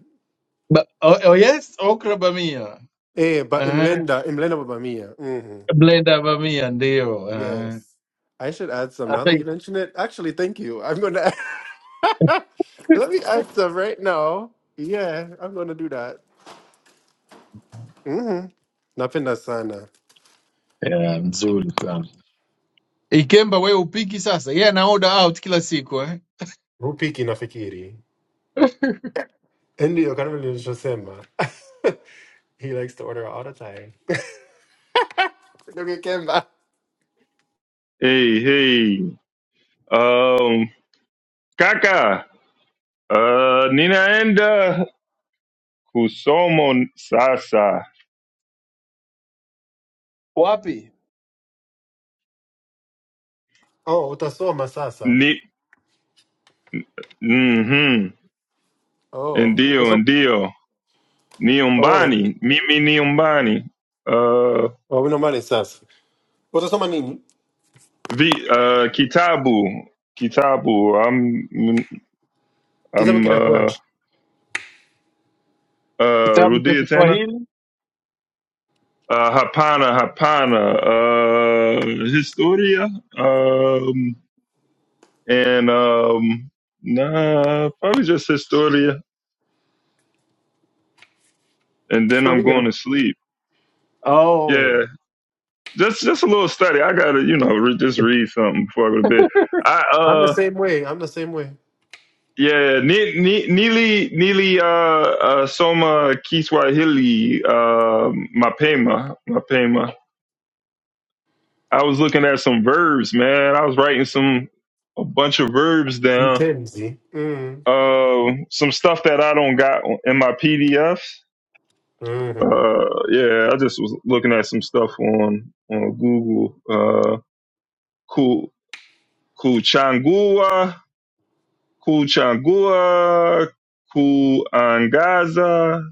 E: Ba- oh, oh yes, okra bamia.
A: Eh, but
E: Uh,
A: imlenda, imlenda wa bamia. Mm-hmm.
E: blend ya bamia ndio. Uh,
A: Yes. I should add some now
E: hata
A: that you mention it. Actually, thank you. I'm going to let me add some right now. Yeah, I'm going to do that. Mm-hmm. Napenda sana.
E: yeah, mzuri sana. Ikemba wewe upiki sasa. Yeye ana order out kila siku eh.
A: Rupiki nafikiri. Ndio, kama nilivyosema. He likes to order all the time. Ndio, Kemba.
D: Hey, hey. Um, Kaka, uh, Nina Enda, Kusomo Sasa.
E: Wapi?
A: Oh, utasoma sasa.
D: Ni, Mm-hmm.
A: Oh,
D: Ndio,
A: eso,
D: ndio, ni
A: oh,
D: nyumbani, mimi ni nyumbani. Uh,
A: oh, menos mal estás. Vosotros son manini.
D: vi, uh, kitabu kitabu i am, i
A: ¿Qué sabe
D: am,
A: quién actúa?
D: uh, uh,
E: Kitabu cha
D: rudia tena
E: Kiswahili?
D: uh, hapana hapana uh, historia um, and um, nah, probably just historia and then I'm
A: Historia.
D: going to sleep.
E: Oh,
D: Yeah, just just a little study. I gotta you know re- just read something before I go to bed. I
A: I'm the
D: uh.
A: same way. I'm the same way.
D: Yeah, yeah, yeah. Ni- Ni- Nili Nili uh, uh Soma Kiswahili uh Mapema Mapema. I was looking at some verbs, man. I was writing some a bunch of verbs
A: You
D: down.
A: tend, see? Mm.
D: Uh, some stuff that I don't got in my PDFs.
A: hmm
D: Uh, yeah, I just was looking at some stuff on on Google. Uh, Ku Kuchangua, Kuchangua, Kuangaza,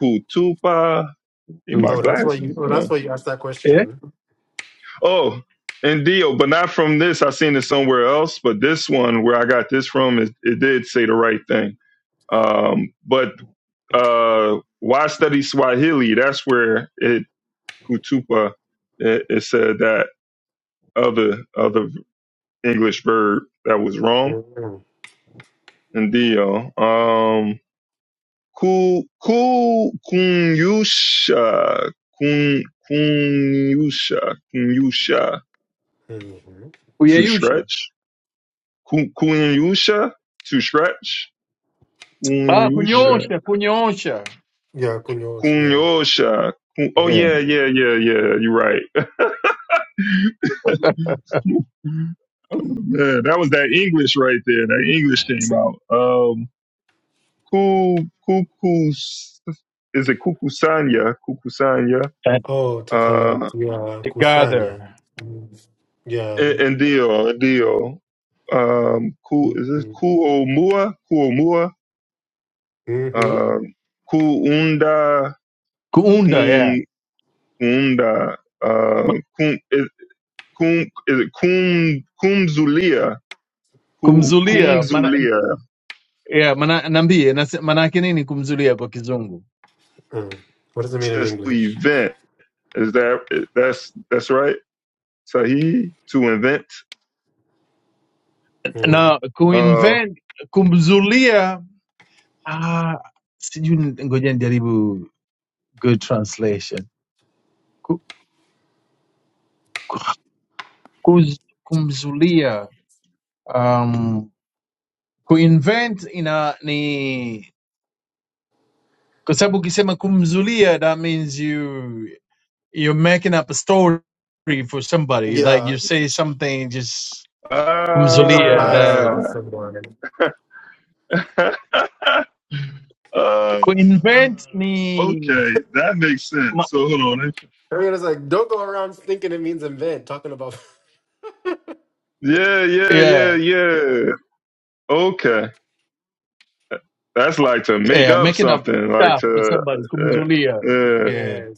D: Kutupa. In my
A: Oh,
E: super.
A: that's why
D: glasses.
A: you. Oh,
D: Uh,
A: that's why you asked that
E: Eh?
A: question.
D: oh, and Dio, but not from this. I seen it somewhere else, but this one where I got this from, it, it did say the right thing. Um, but uh, why study Swahili? That's where it Kutupa it, it said that other other English verb that was wrong.
A: Mm,
D: And Dio, um, ku ku kunyusha kun kunyusha kunyusha
A: Mm-hmm.
D: to
E: Kuyeyusha.
D: stretch Kunyusha to stretch.
E: Ah,
D: Kunyusha.
A: Mm-hmm.
E: kunyoosha, kunyoosha.
A: Yeah, kunyo. Yeah.
D: Kunyosha. Oh
E: Yeah.
A: hmm
D: yeah, yeah, yeah, yeah. You're right. Man, that was that English right there. That English came
E: si-
D: out. Um, Ku Kukus is it Kukusanya? Kukusanya.
E: eh,
A: Oh, to
D: Uh,
A: collect. Yeah, kusanya.
E: Gather.
A: Mm. Yeah.
D: and, and Dio, and Dio. Um, Ku is this
A: Mm-hmm.
D: Kuomua? Kuomua.
A: Mm-hmm.
D: Um, Kuunda.
E: Kuunda, yeah.
D: Kunda, uh, Kum, is, Kum, is it Kum, Kumzulia, Ku-
E: Kumzulia Mana,
D: Kumzulia,
E: yeah, Mana naambie nase- maana yake nini kumzulia kwa kizungu?
A: Mm. What does it mean in
D: says to
A: English?
D: event. Is that, that's, that's right? Sahi, to invent.
A: Mm.
E: na
D: Uh,
E: kuinvent kumzulia ah, sijui ni- ngoja nijaribu good translation Ku- kuz, kumzulia um, kuinvent ina ni kwa sababu ukisema kumzulia that means you you're making up a story for somebody like
A: Yeah,
E: you say something just
A: make up
E: kumzulia
A: lies
E: that
A: about
D: ah,
A: someone.
D: uh,
E: kuinvent ni
D: okay, that makes
E: ma,
D: sense. So hold on. let me-
A: I mean, it's like don't go around thinking it means invent. Talking about
D: Yeah, yeah, yeah,
E: yeah
D: yeah. Okay. That's like to make
E: yeah
D: up
E: making up
D: something, like
E: stuff for
D: to,
E: somebody kumzulia
D: uh,
E: yeah.
A: yes,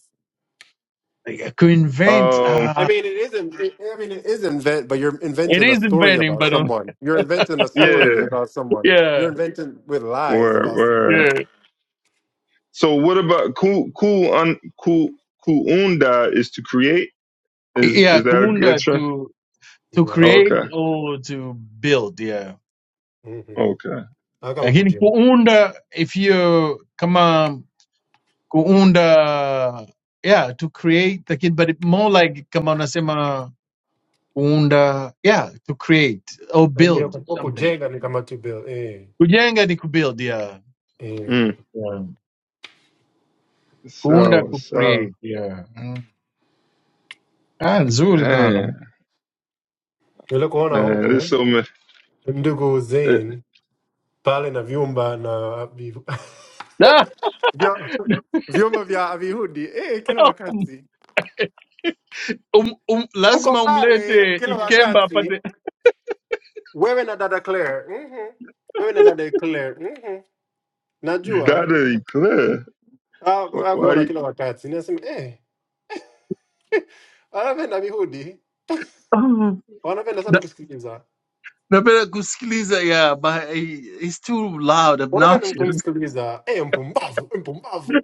E: Like, to
D: uh,
E: invent
D: um,
A: I
E: uh,
A: mean it is. in- I mean it is invent, but you're
E: it
A: inventing a
E: is
A: story
E: inventing
A: about
E: but um,
A: someone. You're inventing a
D: yeah.
A: story about someone. You're
E: yeah
A: inventing with lies
D: Word,
A: about someone.
D: word.
E: yeah
D: So what about ku ku un ku kuunda is to create? Is
E: yeah
D: is that a good
E: kuunda
D: trend?
E: to to
A: Yeah.
E: create
D: Okay,
E: or to build yeah
A: Mm-hmm.
D: okay.
A: Kama
E: lakini
A: kujenga.
E: kuunda if you kama kuunda yeah to create lakini but it more like kama unasema kuunda yeah to create or
A: I ya
E: build
A: ku-
E: something
A: kujenga ni kama tu build. Eh,
E: kujenga ni kubuild yeah,
A: eh.
D: Mm.
E: yeah. kuunda
D: So
E: ku
D: so
E: create yeah mm. ah nzuri sana
D: damn
A: Nile kuona
D: man, there's
A: huko
D: so much.
A: ndugu
D: eh,
A: Zain pale na vyumba na vi-
E: Ah,
A: vya- vyumba vya Wayahudi eh, kila wakati
E: um, um,
A: uko
E: lazima
A: pale
E: umlete
A: kila
E: ikemba
A: wakati
E: apate
A: wewe na dada Claire. Mhm. Wewe na dada Claire. Mhm. Najua
D: That is clear.
A: Ah, ah,
D: Why
A: kuona kila wakati. Nasema eh, wanapenda mihudi,
E: Oh,
A: wanapenda sana
E: Na-
A: kusikiliza,
E: napenda kusikiliza yeah, but he- he's too loud
A: wanapenda mtu
E: obnoxious
A: kumsikiliza. Eh, mpumbavu, mpumbavu.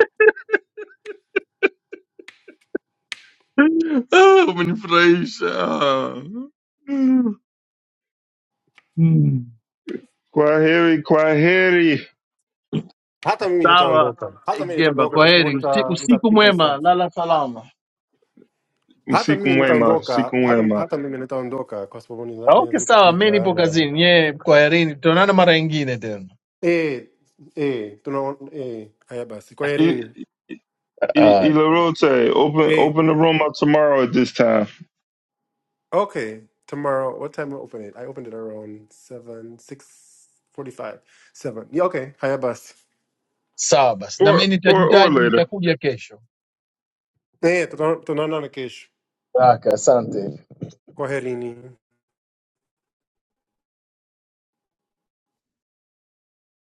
E: Ah, umenifurahisha Ah. Mm.
D: kwaheri kwaheri
A: Hata mimi
E: sawa
A: nitaondoka, hata mimi
E: ikemba
A: nitaondoka
E: kwa
A: kwa sababu
E: heri Usi-
A: nita
E: usiku
A: nitapika
E: mwema
A: sana.
E: lala salama
A: Hata mimi
D: usikumwema
A: nitaondoka, hata
D: usikumwema.
A: hata mimi nitaondoka kwa sababu nina-
E: okay
A: ninazidi
E: sawa mi
A: kupika
E: nipo
A: na
E: kazini yee kwaherini tutaonana mara ingine tena
A: eh eh tuna eh haya basi.
D: I-
A: Kwaherini.
D: I-
E: Ah,
D: Ilarote, open
A: Eh.
D: open the room up tomorrow at this time
A: Okay, tomorrow. What time will I open it? I opened it around seven, six forty-five, seven. Yeah, okay. Haya basi.
E: sawa basi na
D: or
E: mi
D: or or
E: nitajitaji
D: later.
E: nitakuja kesho
A: Eh, tuta- tunaona kesho.
E: Aka, asante
A: Kwaherini.